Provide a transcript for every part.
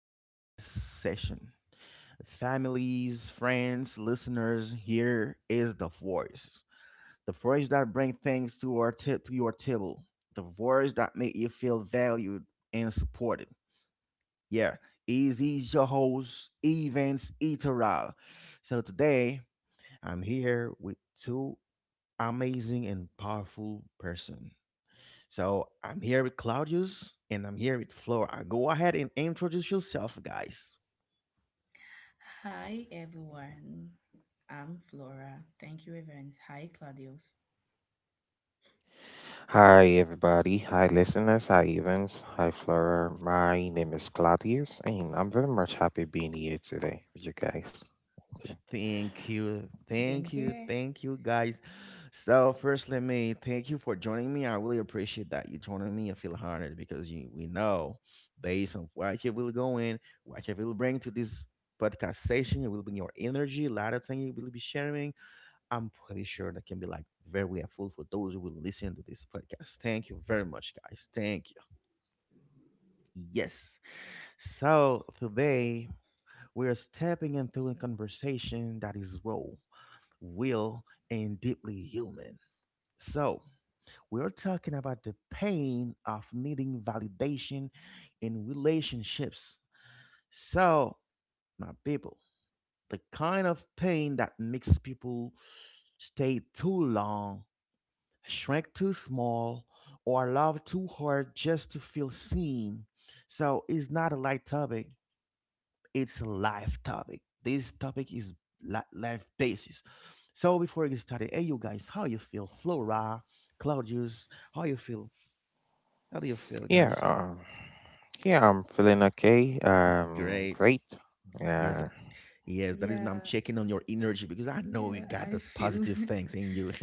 podcast session. Families, friends, listeners, here is the voice. The voice that brings things to our tip to your table. The voice that make you feel valued and supported. Yeah, is your host, Evans Iteral. So today I'm here with two amazing and powerful person. So I'm here with Claudius and I'm here with Flora. Go ahead and introduce yourself, guys. Hi everyone. I'm Flora. Thank you, Evans. Hi Claudius. Hi, everybody. Hi, listeners. Hi, Evans. Hi, Flora. My name is Claudius, and I'm very much happy being here today with you guys. Thank you. Thank you, thank Same you, here. thank you, guys. So first, let me thank you for joining me. I really appreciate that you joining me. I feel honored because you, we know, based on what you will go in, what you will bring to this podcast session, it will bring your energy, a lot of things you will be sharing. I'm pretty sure that can be like very helpful for those who will listen to this podcast. Thank you very much, guys. Thank you. Yes. So today we are stepping into a conversation that is raw, real, and deeply human. So we are talking about the pain of needing validation in relationships. So, my people, the kind of pain that makes people stay too long, shrink too small, or love too hard just to feel seen. So it's not a light topic. It's a live topic. This topic is live basis. So before we get started, hey you guys, how you feel? Flora, Claudius, how you feel? How do you feel, Yeah, guys? um, yeah, I'm feeling okay. Great. Great. Yes, Yeah, yes. That is when I'm Yeah, checking on your energy because I know you yeah. got those positive things in you.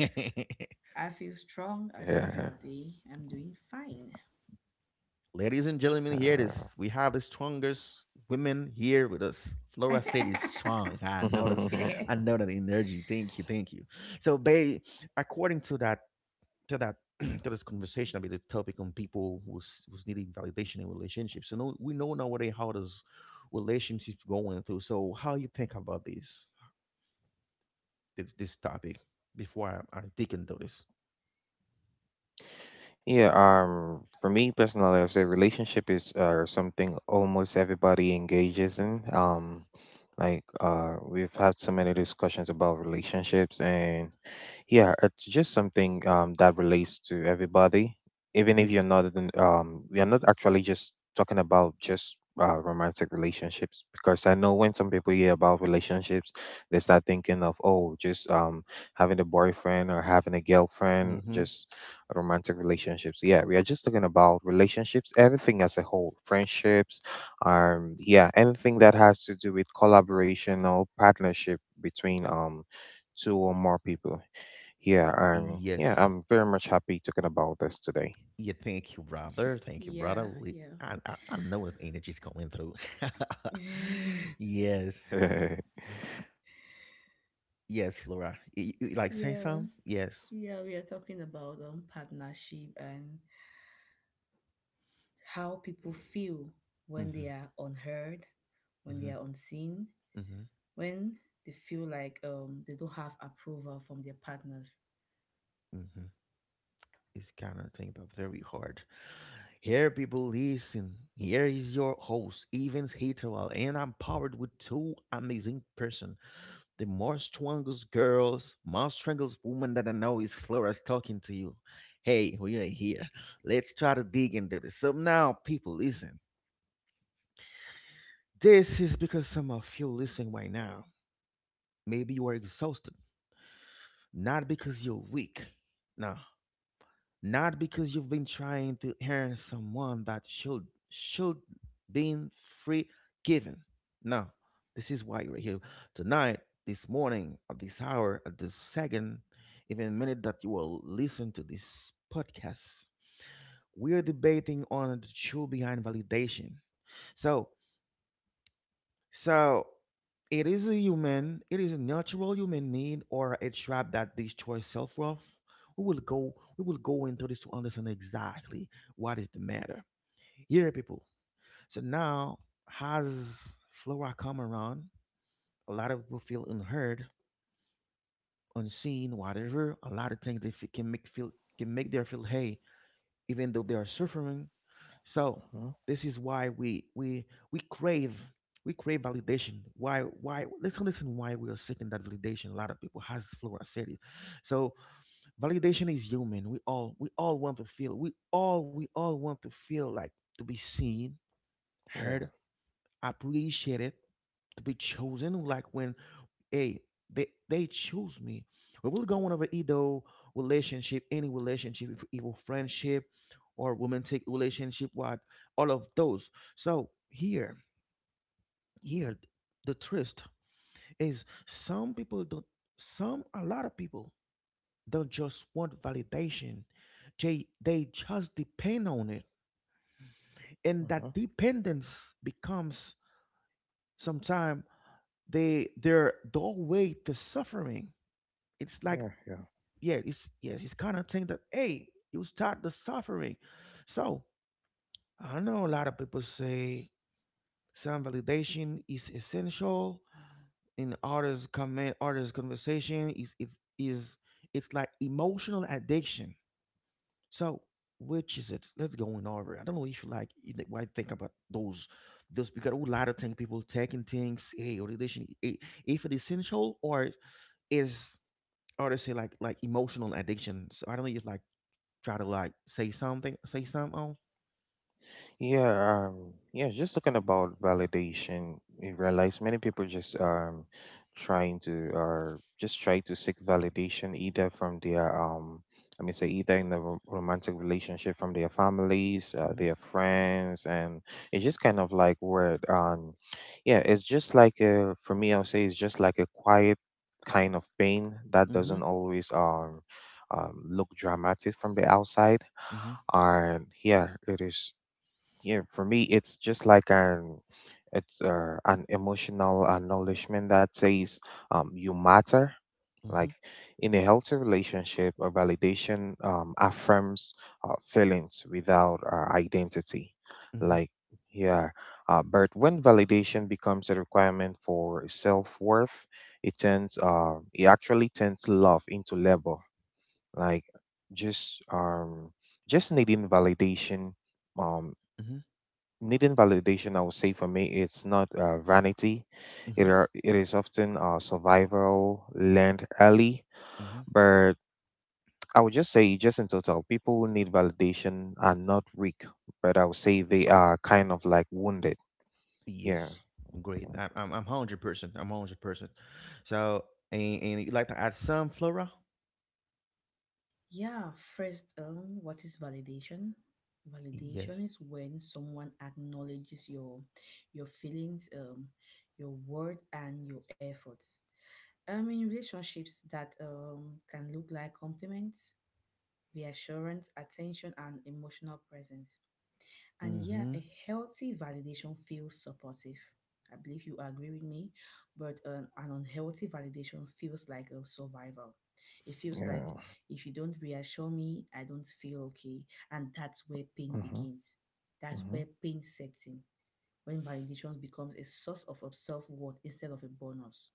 I feel strong. I feel yeah. healthy. I'm doing fine. Ladies and gentlemen, here it is. We have the strongest women here with us. Flora said is strong. I know that. uh, I Yes. know that energy. Thank you, thank you. So, babe, according to that to this conversation about the topic on people who's needing validation in relationships. So know, we know nowadays how does relationships going through. So, how you think about this this topic before I dig into this? Yeah, for me personally, I would say relationship is something almost everybody engages in. We've had so many discussions about relationships, and yeah, it's just something that relates to everybody, even if you're not in, we are not actually just talking about just romantic relationships, because I know when some people hear about relationships, they start thinking of, oh, just having a boyfriend or having a girlfriend, Mm-hmm. just romantic relationships. Yeah, we are just talking about relationships, everything as a whole: friendships, yeah, anything that has to do with collaboration or partnership between two or more people. Yeah, Yes. I'm very much happy talking about this today. Yeah. Thank you, brother. Thank you, brother. Yeah, We, yeah, I know that energy's coming through. yes. Yes, Flora. You like say yeah, some? Yes. yeah. We are talking about partnership and how people feel when Mm-hmm. they are unheard, when they Mm-hmm. are unseen, Mm-hmm. when they feel like they don't have approval from their partners. Mm-hmm. It's kind of thing, but very hard. Here, people, listen. Here is your host, Evans Hitowell, and I'm powered with two amazing person. The most strongest girls, most strongest woman that I know is Flora's talking to you. Hey, we are here. Let's try to dig into this. So now, people, listen. This is because some of you listening right now, maybe you are exhausted, not because you're weak. No, not because you've been trying to earn someone that should been free given. No, this is why we're here tonight, this morning, at this hour, at this second, even minute that you will listen to this podcast. We're debating on the truth behind validation. So so it is a human, it is a natural human need or a trap that destroys self-worth. We will go into this to understand exactly what is the matter. Here people. So now has Flora come around, a lot of people feel unheard, unseen, whatever. A lot of things they can make feel can make their feel hey, even though they are suffering, so Mhm, this is why we crave we crave validation. Why let's understand why we are seeking that validation. A lot of people has Flora said it. So validation is human. We all want to feel we all want to feel like to be seen, heard, yeah, appreciated, to be chosen. Like when hey, they choose me. We will go on over either relationship, any relationship, if evil friendship or romantic relationship, what all of those. So here, here the twist is some people don't some a lot of people don't just want validation. They just depend on it. And uh-huh, that dependence becomes sometimes they their doorway to suffering. It's like yeah, yeah. yeah, it's yes, it's kind of thing that hey, you start the suffering. So I know a lot of people say some validation is essential in others comment others conversation is it's like emotional addiction. So which is it? Let's go on over. I don't know if you like you know, what I think about those because a lot of things people taking things, hey, validation eh, if it's essential or is or they say like emotional addiction. So I don't know if like try to like say something on. Yeah, just talking about validation, you realize many people just trying to, or just try to seek validation either from their I mean say either in the romantic relationship, from their families, Mm-hmm. their friends, and it's just kind of like word yeah, it's just like for me I would say it's just like a quiet kind of pain that doesn't Mm-hmm. always look dramatic from the outside, Mm-hmm. and yeah it is. Yeah, for me it's just like an it's an emotional acknowledgement that says you matter. Mm-hmm. Like, in a healthy relationship a validation affirms feelings without identity. Mm-hmm. like yeah but when validation becomes a requirement for self-worth, it turns it actually turns love into labor. Like just um just needing validation um Mm-hmm. Needing validation, I would say for me, it's not vanity. Mm-hmm. It is often survival learned early. Mm-hmm. But I would just say, just in total, people who need validation are not weak, but I would say they are kind of like wounded. Yeah. Yes. Great. I'm 100%. I'm 100%. So and you like to add some flora? Yeah, first, what is validation? Yes. Validation is when someone acknowledges your feelings, your word, and your efforts. In relationships, that can look like compliments, reassurance, attention, and emotional presence. And yeah, Mm-hmm. a healthy validation feels supportive. I believe you agree with me, but an unhealthy validation feels like a survival. It feels like Yeah. if you don't reassure me, I don't feel okay. And that's where pain Mm-hmm. begins. That's Mm-hmm. where pain sets in, when validation becomes a source of self worth instead of a bonus.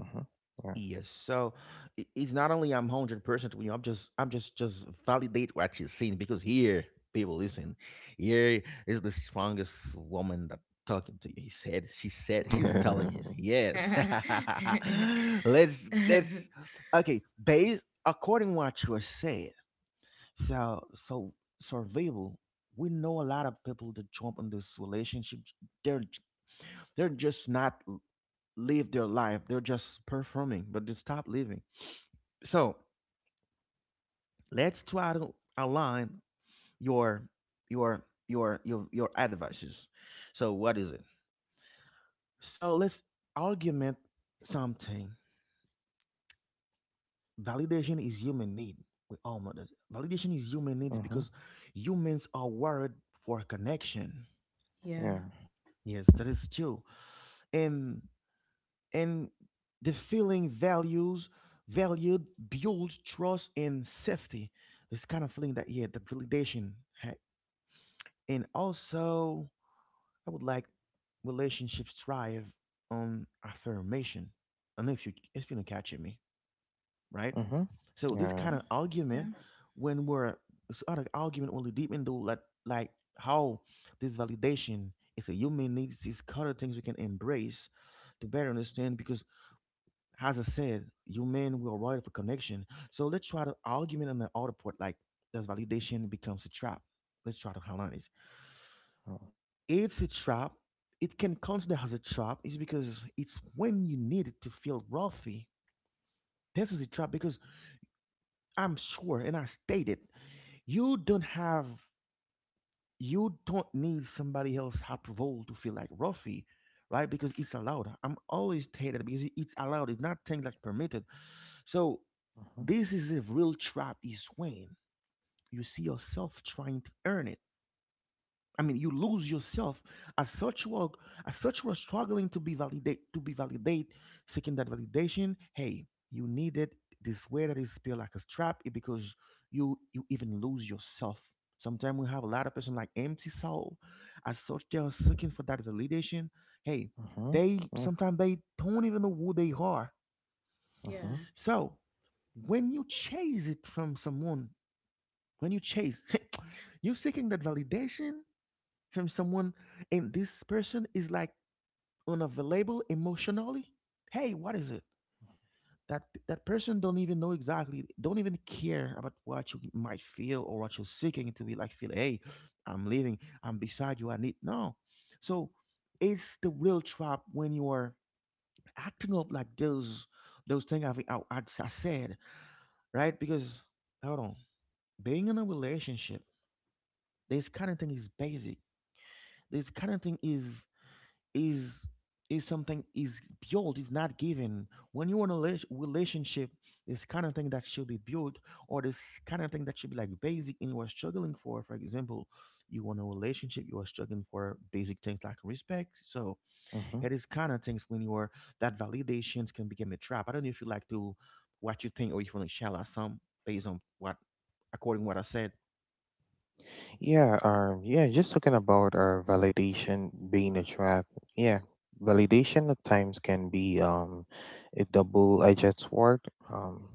Mm-hmm. Yes. So it's not only I'm 100% with you. I'm just just validate what you're saying because here people listen. Here is the strongest woman that talking to you. He said she said Yeah. she's telling you yes. Yeah. Let's okay. Based according what you said. So survival. We know a lot of people that jump in this relationship. They're they're just not live their life. They're just performing, but they stop living so let's try to align your your your advices. So what is it? So let's argument something. Validation is human need. We all know that. Validation is human needs Mm-hmm. because humans are wired for connection. Yeah. Yes, that is true. And and the feeling values valued builds trust and safety. This kind of feeling that yeah, the validation had and also I would like relationships thrive on affirmation. And if you don't catch me, right? Mm-hmm. So this Yeah. kind of Mhm. argument, Yeah. when we're this other argument only deep into like how this validation is a human needs these kind of things we can embrace to better understand because as I said, human we are wired for connection. So let's try to argument on the other part like does validation becomes a trap. Let's try to highlight this. Mm-hmm. It's a trap. It can consider as a trap is because it's when you need it to feel wealthy. This is a trap because I'm sure, and I stated, you don't have, you don't need somebody else's approval to feel like wealthy, right? Because it's allowed. I'm always stated because it's allowed. It's not thing like permitted. So this is a real trap. Is when you see yourself trying to earn it I mean, you lose yourself. As such, you are as such you are struggling to be validate, seeking that validation. Hey, you need it this way that is feel like a trap it because you even lose yourself. Sometimes we have a lot of person like empty soul. As such, they are seeking for that validation. Hey, Mm-hmm. they Yeah. sometimes they don't even know who they are. Yeah. So when you chase it from someone, when you chase, you're seeking that validation from someone and this person is like unavailable emotionally hey what is it that that person don't even know exactly don't even care about what you might feel or what you're seeking to be like feel hey I'm leaving I'm beside you I need no so it's the real trap when you are acting up like those things I said right because hold on being in a relationship this kind of thing is basic this kind of thing is is something is built is not given when you're in a relationship this kind of thing that should be built or this kind of thing that should be like basic and you're struggling for example you want a relationship you are struggling for basic things like respect so Mm-hmm. it is kind of things when you are that validations can become a trap. I don't know if you like to what you think or if you want to share us some based on what according to what I said. Yeah, just talking about our validation being a trap. Yeah, validation at times can be a double-edged sword. Um,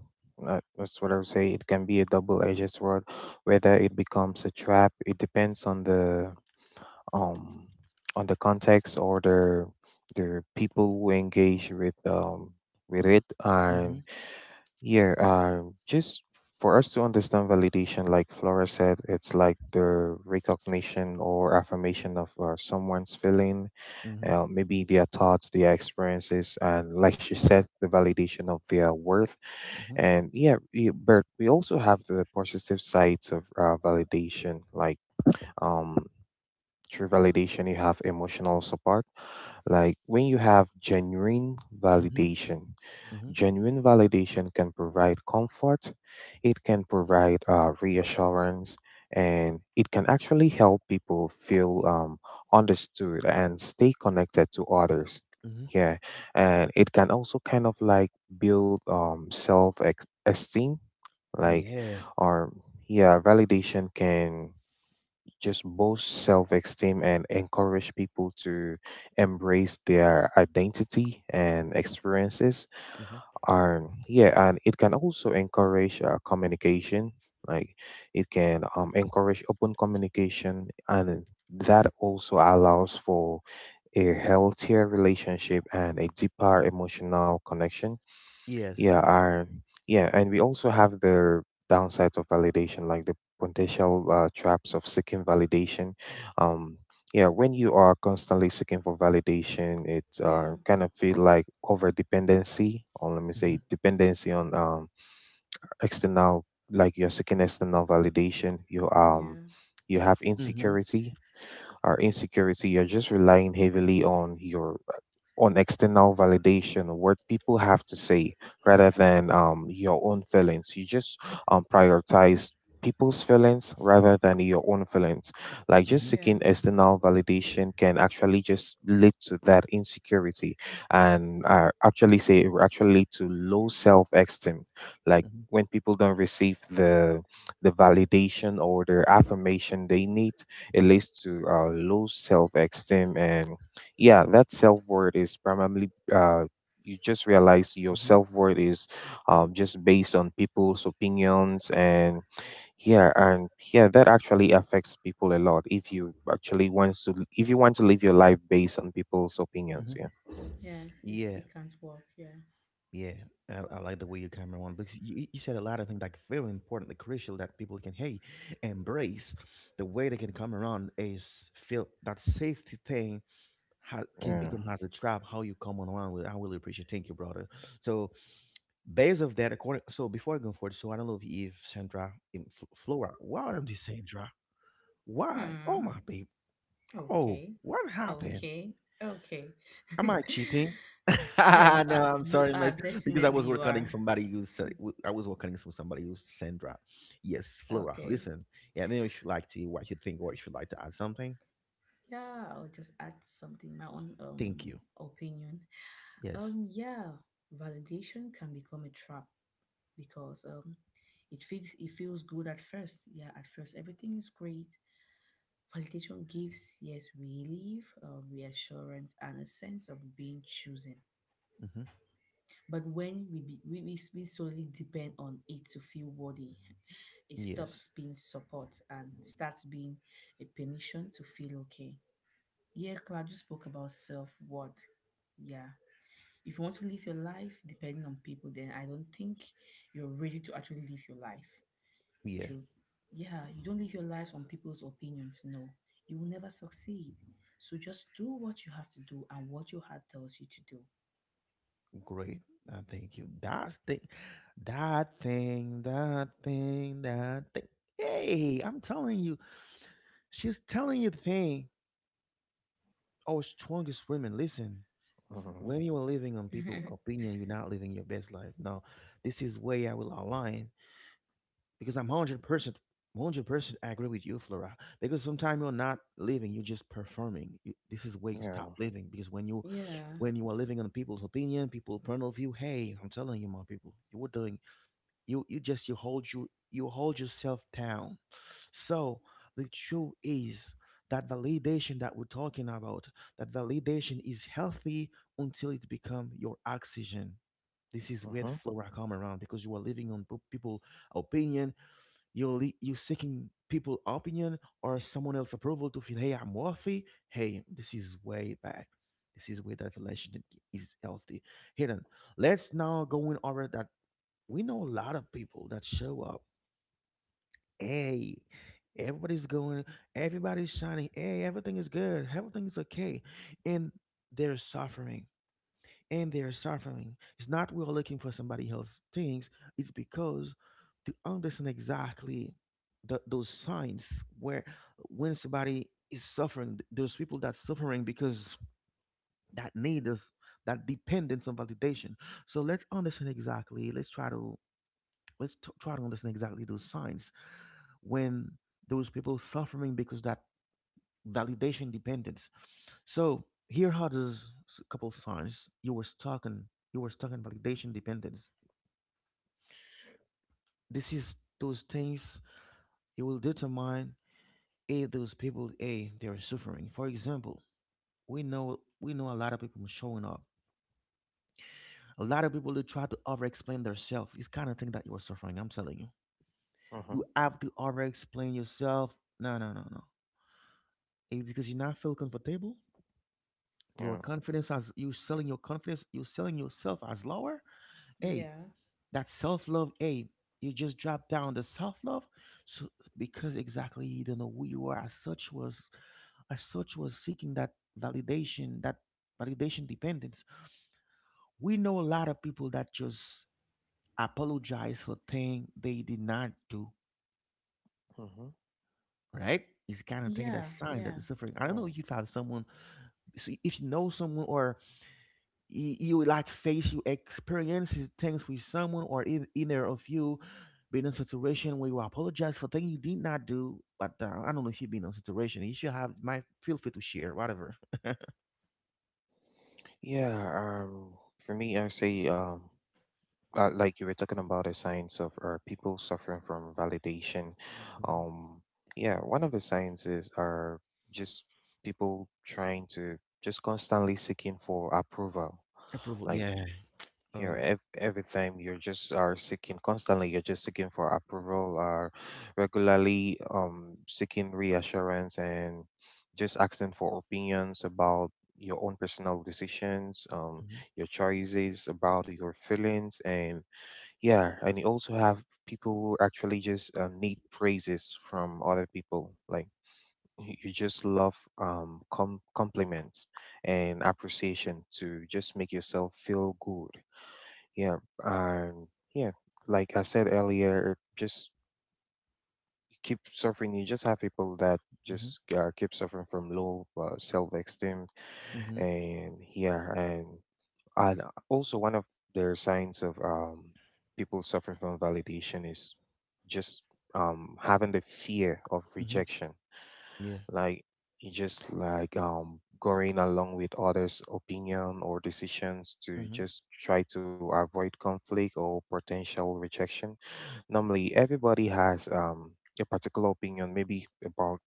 that's what I would say. It can be a double-edged sword. Whether it becomes a trap, it depends um on the context, or the people who engage with it. Mm-hmm. Just for us to understand validation, like Flora said, it's like the recognition or affirmation of someone's feeling, Mm-hmm. Maybe their thoughts, their experiences, and, like she said, the validation of their worth. Mm-hmm. And yeah, but we also have the positive sides of validation. Like um, through validation, you have emotional support. Like, when you have genuine Mm-hmm. validation, Mm-hmm. genuine validation can provide comfort, it can provide reassurance, and it can actually help people feel understood and stay connected to others. Mm-hmm. Yeah, and it can also kind of like build esteem, like, Yeah. or yeah, validation can just boost self esteem and encourage people to embrace their identity and experiences. Mm-hmm. Yeah, and it can also encourage communication. Like, it can encourage open communication, and that also allows for a healthier relationship and a deeper emotional connection. Yes. Yeah, I, yeah, and we also have the downsides of validation, like the potential traps of seeking validation. Um, yeah, when you are constantly seeking for validation, it Yeah. kind of feel like over dependency, or let me Mm-hmm. say dependency on external, like you're seeking external validation. Yeah. You have Mm-hmm. insecurity. Or insecurity, you're just relying heavily on your on external validation, or what people have to say rather than your own feelings. You just prioritize people's feelings rather than your own feelings. Like, just Mm-hmm. Yeah. seeking external validation can actually just lead to that insecurity and actually say it will actually lead to low self esteem. Like, Mm-hmm. when people don't receive the validation or the affirmation they need, it leads to low self esteem, and yeah, that self-worth is primarily you just realize your Mm-hmm. self-worth is just based on people's opinions. And yeah and Yeah, that actually affects people a lot if you actually wants to if you want to live your life based on people's Hmm. opinions. Yeah, Yeah, it's, Yeah, it can't work. Yeah. yeah. I like the way you camera on because you said a lot of things like very important, like crucial that people can hey embrace the way they can come around is feel that safety thing can yeah, become as a trap. How you come around with I really appreciate. Thank you, brother. So based of that, according so before I go forward, so I don't know if Sandra, in Flora, why am I saying Sandra? Why? Oh Hmm. my babe. Oh, Okay. what happened? Okay. Okay. Am I cheating? Yeah, you No, are. I'm You sorry, are my, because I definitely was you are. recording somebody who said I was recording with somebody who's Sandra. Yes, Flora. Okay. Listen, yeah. Then if you like to, what you think, or if you like to add something, Yeah, I'll just add something my own thank you. opinion. Yes. Yeah, validation can become a trap because it feels good at first. Yeah, at first everything is great. Validation gives yes relief, reassurance, and a sense of being chosen. Hmm. But when we, be, we solely depend on it to feel worthy, it Yes. stops being support and starts being a permission to feel okay. Yeah, Claudio spoke about self worth. Yeah. If you want to live your life depending on people, then I don't think you're ready to actually live your life. Yeah. If you, yeah, you don't live your life on people's opinions, no. You will never succeed. So just do what you have to do and what your heart tells you to do. Great. Thank you. That thing, that thing, that thing, that thing. Hey, I'm telling you, she's telling you the thing. Oh, strongest women. Listen, hmm, when you are living on people's opinion, you're not living your best life. No, this is where I will align because I'm 100%, 100% agree with you, Flora. Because sometimes you're not living, you're just performing. You, this is where you stop yeah, living because Yeah, when you are living on people's opinion, people's point of view, hey, I'm telling you, my people, you were doing, you just you hold, you hold yourself down. So the truth is that validation that we're talking about, that validation is healthy until it become your oxygen. This is where the hmm, flora come around because you are living on people opinion. You're seeking people opinion or someone else approval to feel, hey, I'm worthy. Hey, this is way back. This is where that relationship is healthy. Hidden. Let's now go in over that. We know a lot of people that show up, hey, everybody's going, everybody's shining, hey, everything is good, everything is okay. And they're suffering. And they're suffering. It's not we're looking for somebody else's things, it's because to understand exactly those signs where when somebody is suffering, those people that suffering because that need us, that dependence on validation. So let's understand exactly. Let's try to understand exactly those signs when those people suffering because that validation dependence. So here are those couple signs you were stuck in validation dependence. This is those things you will determine if those people a they are suffering. For example, we know a lot of people showing up. A lot of people who try to over explain themselves. It's kind of thing that you are suffering. I'm telling you. hmm, You have to over explain yourself. No, no, no, no. It's because you not feel comfortable. Your yeah, confidence, as you selling your confidence, you selling yourself as lower. Hey, yeah, that self love. Hey, you just drop down the self love, so because exactly you don't know who you are, as such was seeking that validation dependence. We know a lot of people that just apologize for thing they did not do. hmm, Right? It's kind of thing, that sign that yeah. is suffering. I don't yeah, know if you have someone, so if you know someone or you like face you experiences things with someone or either of you been in a situation where you apologize for things you did not do, but I don't know if you've been in a situation. If you have, might feel free to share whatever. yeah. For me I say Like you were talking about the signs of people suffering from validation, Hmm. um yeah, one of the signs is are just people trying to just constantly seeking for approval. Approval, Like, yeah. you know, Oh. Every time you're just are seeking, constantly you're just seeking for approval, or regularly seeking reassurance, and just asking for opinions about your own personal decisions, your choices, about your feelings. And Yeah, and you also have people who actually just need praises from other people. Like, you just love compliments and appreciation to just make yourself feel good. Yeah, and yeah, like I said earlier, just keep suffering. You just have people that Hmm. just keep suffering from low self-esteem, Hmm. Hmm. and yeah, and also, one of the signs of people suffering from validation is just having the fear of Hmm. rejection. Yeah. Like, you just like going along with others' opinion or decisions to Hmm. just try to avoid conflict or potential rejection. Normally, everybody has a particular opinion, maybe about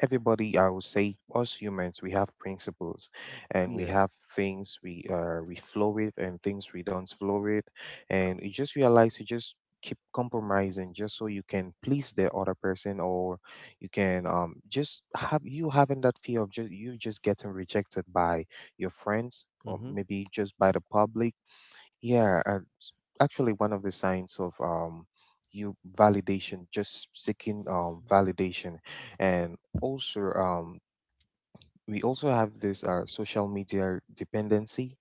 everybody. I would say, us humans, we have principles, and we Yeah. have things we flow with and things we don't flow with. And you just realize you just keep compromising just so you can please the other person, or you can just have you having that fear of just you just getting rejected by your friends, Hmm. or Hmm. maybe just by the public. Yeah, and actually, one of the signs of you validation, just seeking validation, and also we also have this social media dependency.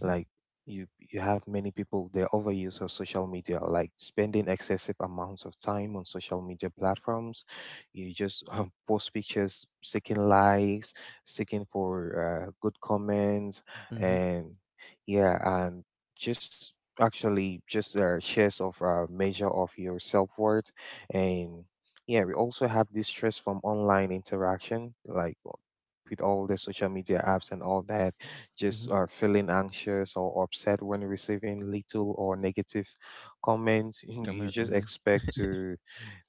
Like, you have many people, their overuse of social media, like spending excessive amounts of time on social media platforms. You just post pictures seeking likes, seeking for good comments, Hmm. and yeah, and just actually just shares of measure of your self-worth. And yeah, we also have this stress from online interaction. Like, with all the social media apps and all that, just Hmm. are feeling anxious or upset when receiving little or negative comments. You Come you on. just Hmm. expect to,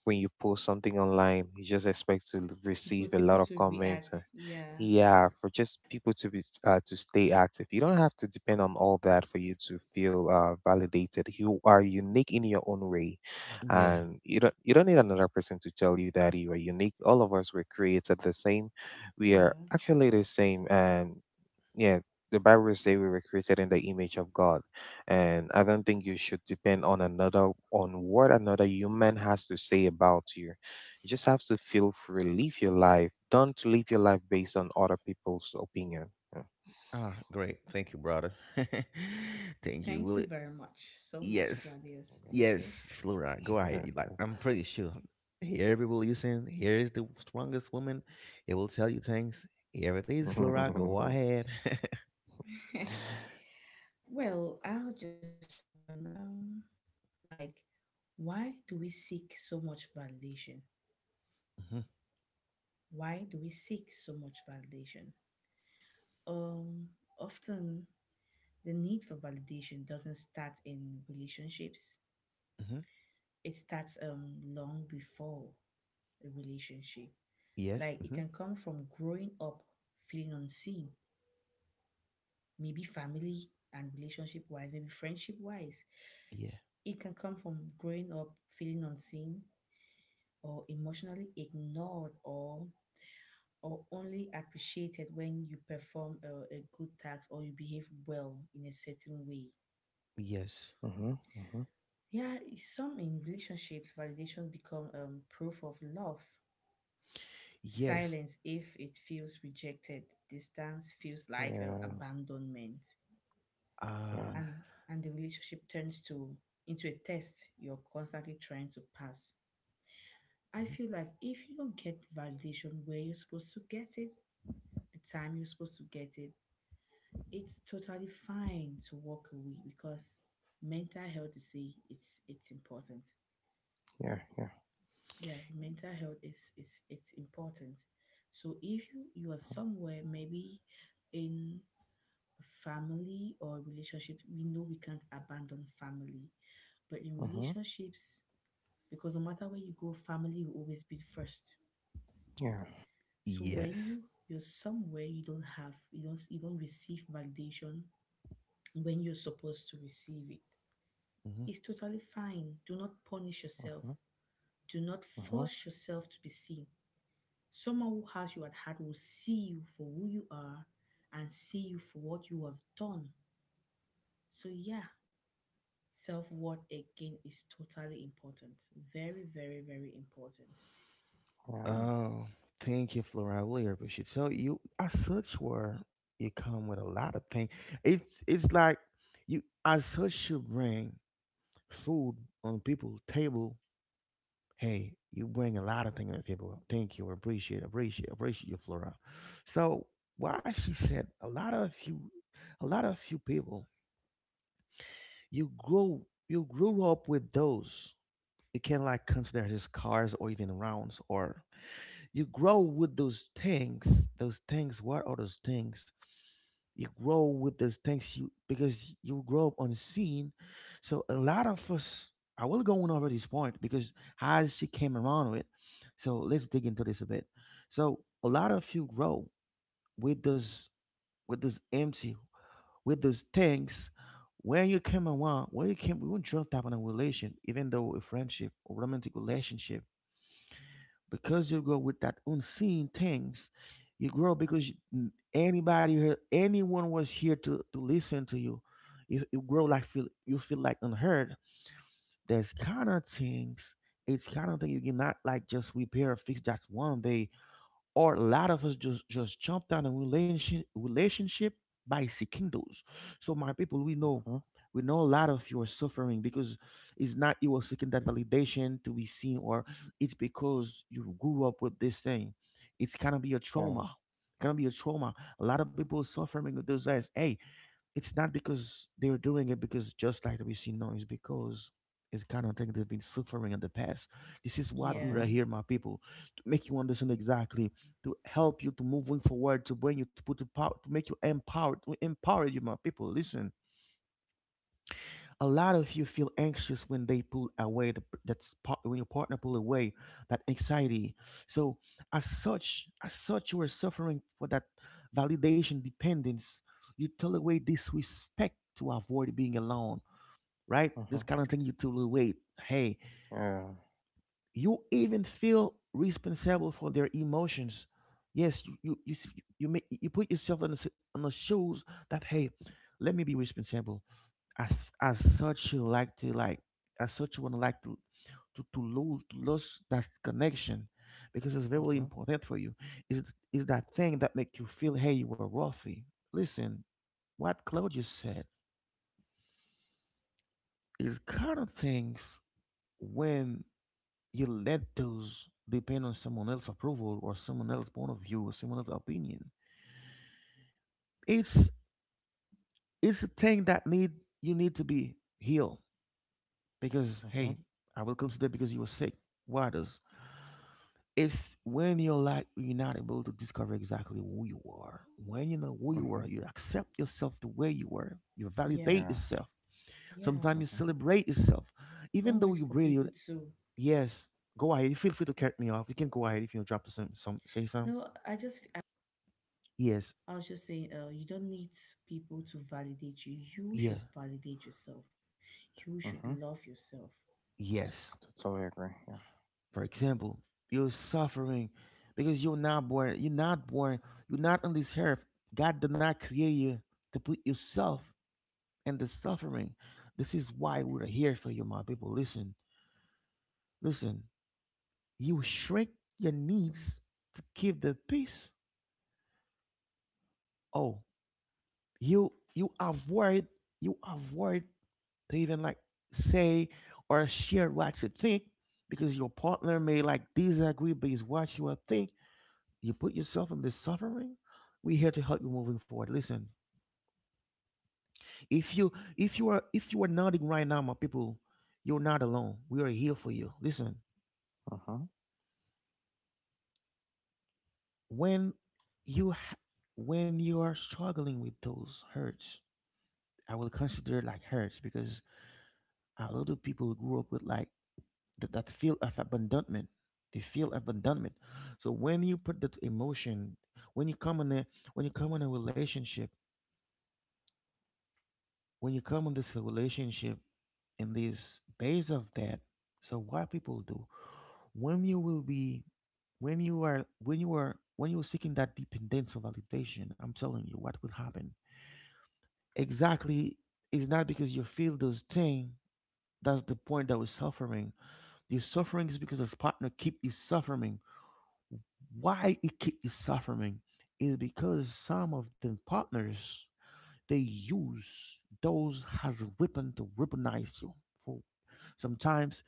when you post something online, you just expect to receive People a people lot of to comments. react. Yeah. Yeah, for just people to be, to stay active. You don't have to depend on all that for you to feel validated. You are unique in your own way, Yeah. and you don't need another person to tell you that you are unique. All of us were created the same. We are Yeah. actually the same, and yeah, the bible says we were created in the image of god, and I don't think you should depend on another on what another human has to say about you. You just have to feel free, live your life, don't live your life based on other people's opinion. Ah, great, thank you, brother. Thank you, Thank you Willie. very much. So much, Yes. Gladius. Thank you. Yes, Flora, go ahead. Yeah. You. Like, I'm pretty sure whoever will listen, here is the strongest woman. It will tell you things. Here it is, Flora. Go Mm-hmm, ahead. Well, I'll just talk on like why do we seek so much validation? Hmm. Why do we seek so much validation? Um Often the need for validation doesn't start in relationships. Hmm. It starts long before a relationship. Yes. Like it Hmm. can come from growing up feeling unseen, maybe family and relationship wise, maybe friendship wise. Yeah. It can come from growing up feeling unseen or emotionally ignored, or only appreciated when you perform a good task or you behave well in a certain way. Yes. hmm, Yeah, some in relationships, validation become proof of love. Yes. Silence if it feels rejected. Distance feels like yeah, abandonment. Uh. yeah, and and the relationship turns to into a test you're constantly trying to pass. I Mhm. feel like if you don't get validation where you're supposed to get it, the time you're supposed to get it, it's totally fine to walk away because mental health is it's important. yeah, yeah, Yeah, mental health is it's important. So if you are somewhere maybe in family or relationship, we know we can't abandon family, but in mm-hmm, relationships, because no matter where you go, family will always be first. yeah, So when you Yes. you're somewhere you don't receive validation when you're supposed to receive it, Hmm. it's totally fine. Do not punish yourself. mm-hmm, Do not mm-hmm, force yourself to be seen. Someone who has you at heart will see you for who you are and see you for what you have done. So yeah, self worth again is totally important. Very, very, very important. yeah, Oh, thank you, Flora. I really appreciate it. So you as such were, you come with a lot of things. It's like you as such should bring food on people's table. Hey, you bring a lot of things to the… Thank you. Appreciate, appreciate, appreciate you, Flora. So why she said a lot of you, a lot of few people, you grow, you grew up with those. You can not like consider his cars or even rounds, or you grow with those things. Those things. What are those things? You grow with the things, you because you grow up unseen. So a lot of us, I will go on over this point because as she came around with. So let's dig into this a bit. So a lot of you grow with those, with those empty, with those things, where you came around, where you came, we won't jump up on a relation, even though a friendship or romantic relationship, because you grow with that unseen things. You grow because you… anybody here anyone was here to listen to you. You grow like feel you feel like unheard. There's kind of things, it's kind of thing you cannot like just repair or fix that one day, or a lot of us just jump down in relationship by seeking those. So my people, mm-hmm, we know a lot of you are suffering because it's not you are seeking that validation to be seen, or it's because you grew up with this thing. It's gonna be a yeah, trauma. Gonna be a trauma. A lot of people suffering with those guys. Hey, it's not because they're doing it, because just like we see now, it's because it's kind of thing they've been suffering in the past. This is what mm-hmm, Yeah, we are here, my people, to make you understand exactly, to help you to moving forward, to bring you, to put the power, to make you empowered, to empower you, my people. Listen, a lot of you feel anxious when they pull away, the, that's part, when your partner pull away, that anxiety. So as such you are suffering for that validation dependence. You tolerate disrespect to avoid being alone. Right, mm-hmm, this kind of thing you tolerate. Hey, yeah, you even feel responsible for their emotions. Yes, you, you put yourself on the, on the shoes, that hey, let me be responsible. as as such you like to like, as such you want to like to lose that connection because it's mm-hmm, very important for you. Is that thing that make you feel hey, you were worthy. Listen, what Claudius said is kind of things. When you let those depend on someone else's approval or someone else's point of view or someone else's opinion, it's it's a thing that need, you need to be healed, because mm-hmm, hey, I will consider because you were sick. Why does… It's when you're not able to discover exactly who you are. When you know who you mm-hmm, are, you accept yourself the way you are. You yeah, validate yeah, yourself. yeah. Sometimes you mm-hmm, celebrate yourself, Don't even though wait you for really… people to. Yes. Go ahead. Feel free to cut me off. You can go ahead if you drop some say some. No, I just. I Yes, I was just saying, you don't need people to validate you. You yeah, should validate yourself. You should mm-hmm. love yourself. yes. Totally agree. Yeah. For example, you're suffering because you're not born. You're not born. You're not on this earth. God did not create you to put yourself and the suffering. This is why we're here for you, my people. Listen, listen. You shrink your needs to keep the peace. Oh, you avoid, you avoid to even like say or share what you think because your partner may like disagree based what you are think. You put yourself in this suffering. We're here to help you moving forward. Listen, if you if you are nodding right now, my people, you're not alone. We are here for you. Listen, Uh huh. when you ha- when you are struggling with those hurts, I will consider it like hurts because a lot of people grew up with like that feel of abandonment. They feel abandonment. So when you put that emotion, when you come in a when you come in a relationship, when you come in this relationship, in this base of that. So what people do, when you will be when you are seeking that dependence of validation, I'm telling you what will happen exactly. It's not because you feel those things. That's the point that we're suffering. Your suffering is because this partner keep you suffering. Why it keep you suffering is because some of the partners, they use those as a weapon to weaponize you. For sometimes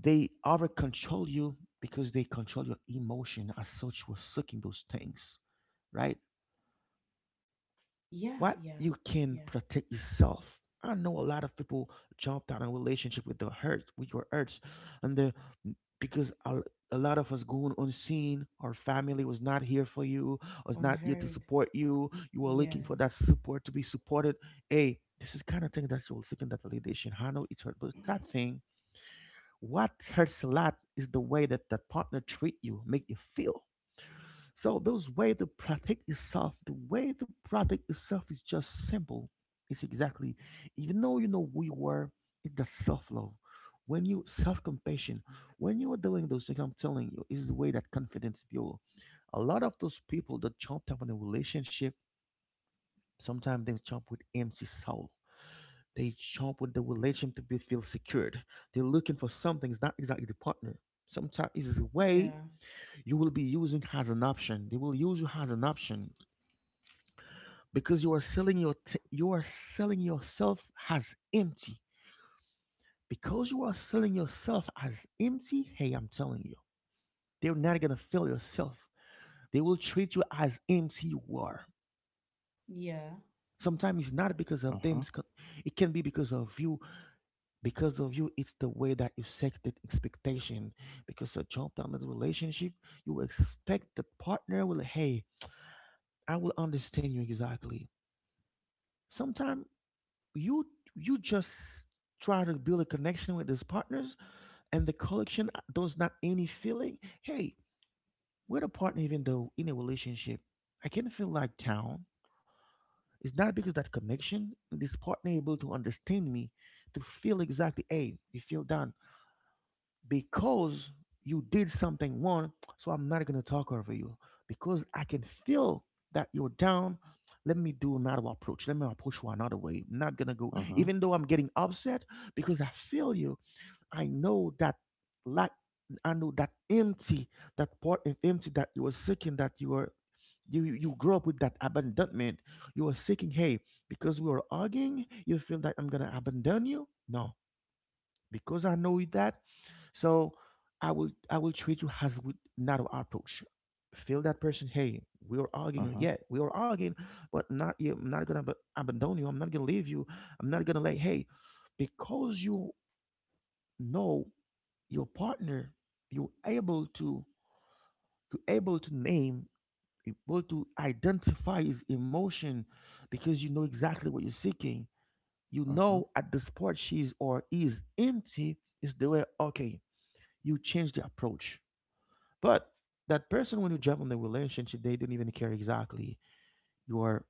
they over control you because they control your emotion, as such we're sucking those things. Right, Yeah, what yeah, you can yeah. protect yourself. I know a lot of people jumped out of relationship with the hurt, with your hurts, and the because a lot of us going unseen. Our family was not here for you, was not here to Unheard. support you. You were Yeah, looking for that support to be supported. Hey, this is kind of thing that you're seeking that validation. I know it's hurt, but that thing, what hurts a lot is the way that that partner treat you, make you feel. So those way the product itself, the way the product itself is just simple. It's exactly, even though you know we were, it's the self love. When you self compassion, when you are doing those things, I'm telling you, is the way that confidence build. A lot of those people that jump up in a relationship, sometimes they jump with empty soul. They jump with the relation to be feel secured. They're looking for something. It's not exactly the partner. Sometimes it's a way yeah, you will be using as an option. They will use you as an option. Because you are selling yourself as empty. Because you are selling yourself as empty, hey, I'm telling you, they're not gonna fill yourself. They will treat you as empty you are. yeah, Sometimes it's not because Uh of huh. them, it can be because of you. Because of you, it's the way that you set the expectation. Because a jump down in the relationship, you expect the partner will, hey, I will understand you exactly. Sometimes you you just try to build a connection with these partners, and the collection does not any feeling. Hey, we're a partner, even though in a relationship, I can feel like town. It's not because that connection this partner able to understand me, to feel exactly, hey, you feel down because you did something wrong, so I'm not gonna talk over you. Because I can feel that you're down. Let me do another approach. Let me approach you another way. I'm not gonna go, Uh huh. even though I'm getting upset, because I feel you. I know that lack. I know that empty, that part of empty that you were seeking, that you were, you grew up with that abandonment. You were seeking, hey, because we were arguing, you feel that I'm gonna abandon you. No, because I know that, so I will treat you as with narrow approach. Feel that person. Hey, we are Uh arguing. huh. Yeah, we are arguing, but not you. I'm not gonna abandon you. I'm not gonna leave you. I'm not gonna like. Hey, because you know your partner, you're able to you're able to name, able to identify his emotion, because you know exactly what you're seeking. You Uh huh. know at the spot she's or is empty is the way. Okay, you change the approach. But that person, when you jump on the relationship, they don't even care exactly your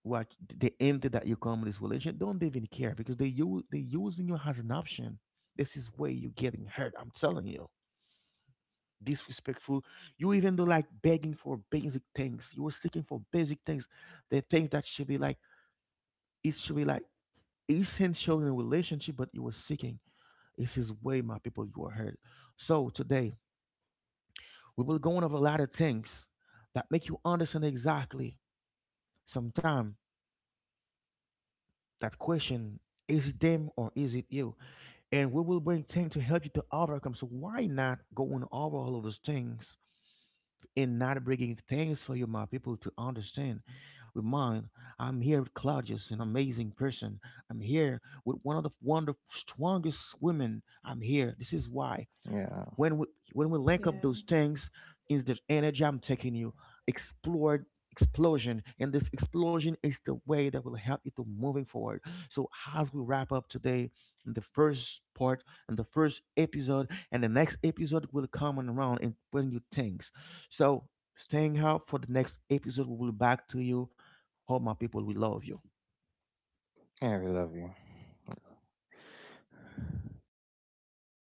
what the empty that you come in this relationship. Don't even care, because they using you as an option. This is where you're getting hurt. I'm telling you, disrespectful. You even do like begging for basic things. You were seeking for basic things, the things that should be like it should be like essential in a relationship, but you were seeking. This is way my people you are hurt. So today we will go on over a lot of things that make you understand exactly. Sometimes that question, is it them or is it you? And we will bring things to help you to overcome. So why not going over all of those things and not bringing things for you, my people, to understand? With mine, I'm here with Claudius, an amazing person. I'm here with one of the strongest women. I'm here. This is why. Yeah. When we when we link up yeah. those things, is the energy I'm taking you explore explosion, and this explosion is the way that will help you to moving forward. So as we wrap up today, the first part and the first episode, and the next episode will come on around and bring you things. So staying out for the next episode. We will back to you. All my people, we love you. Yeah, we love you.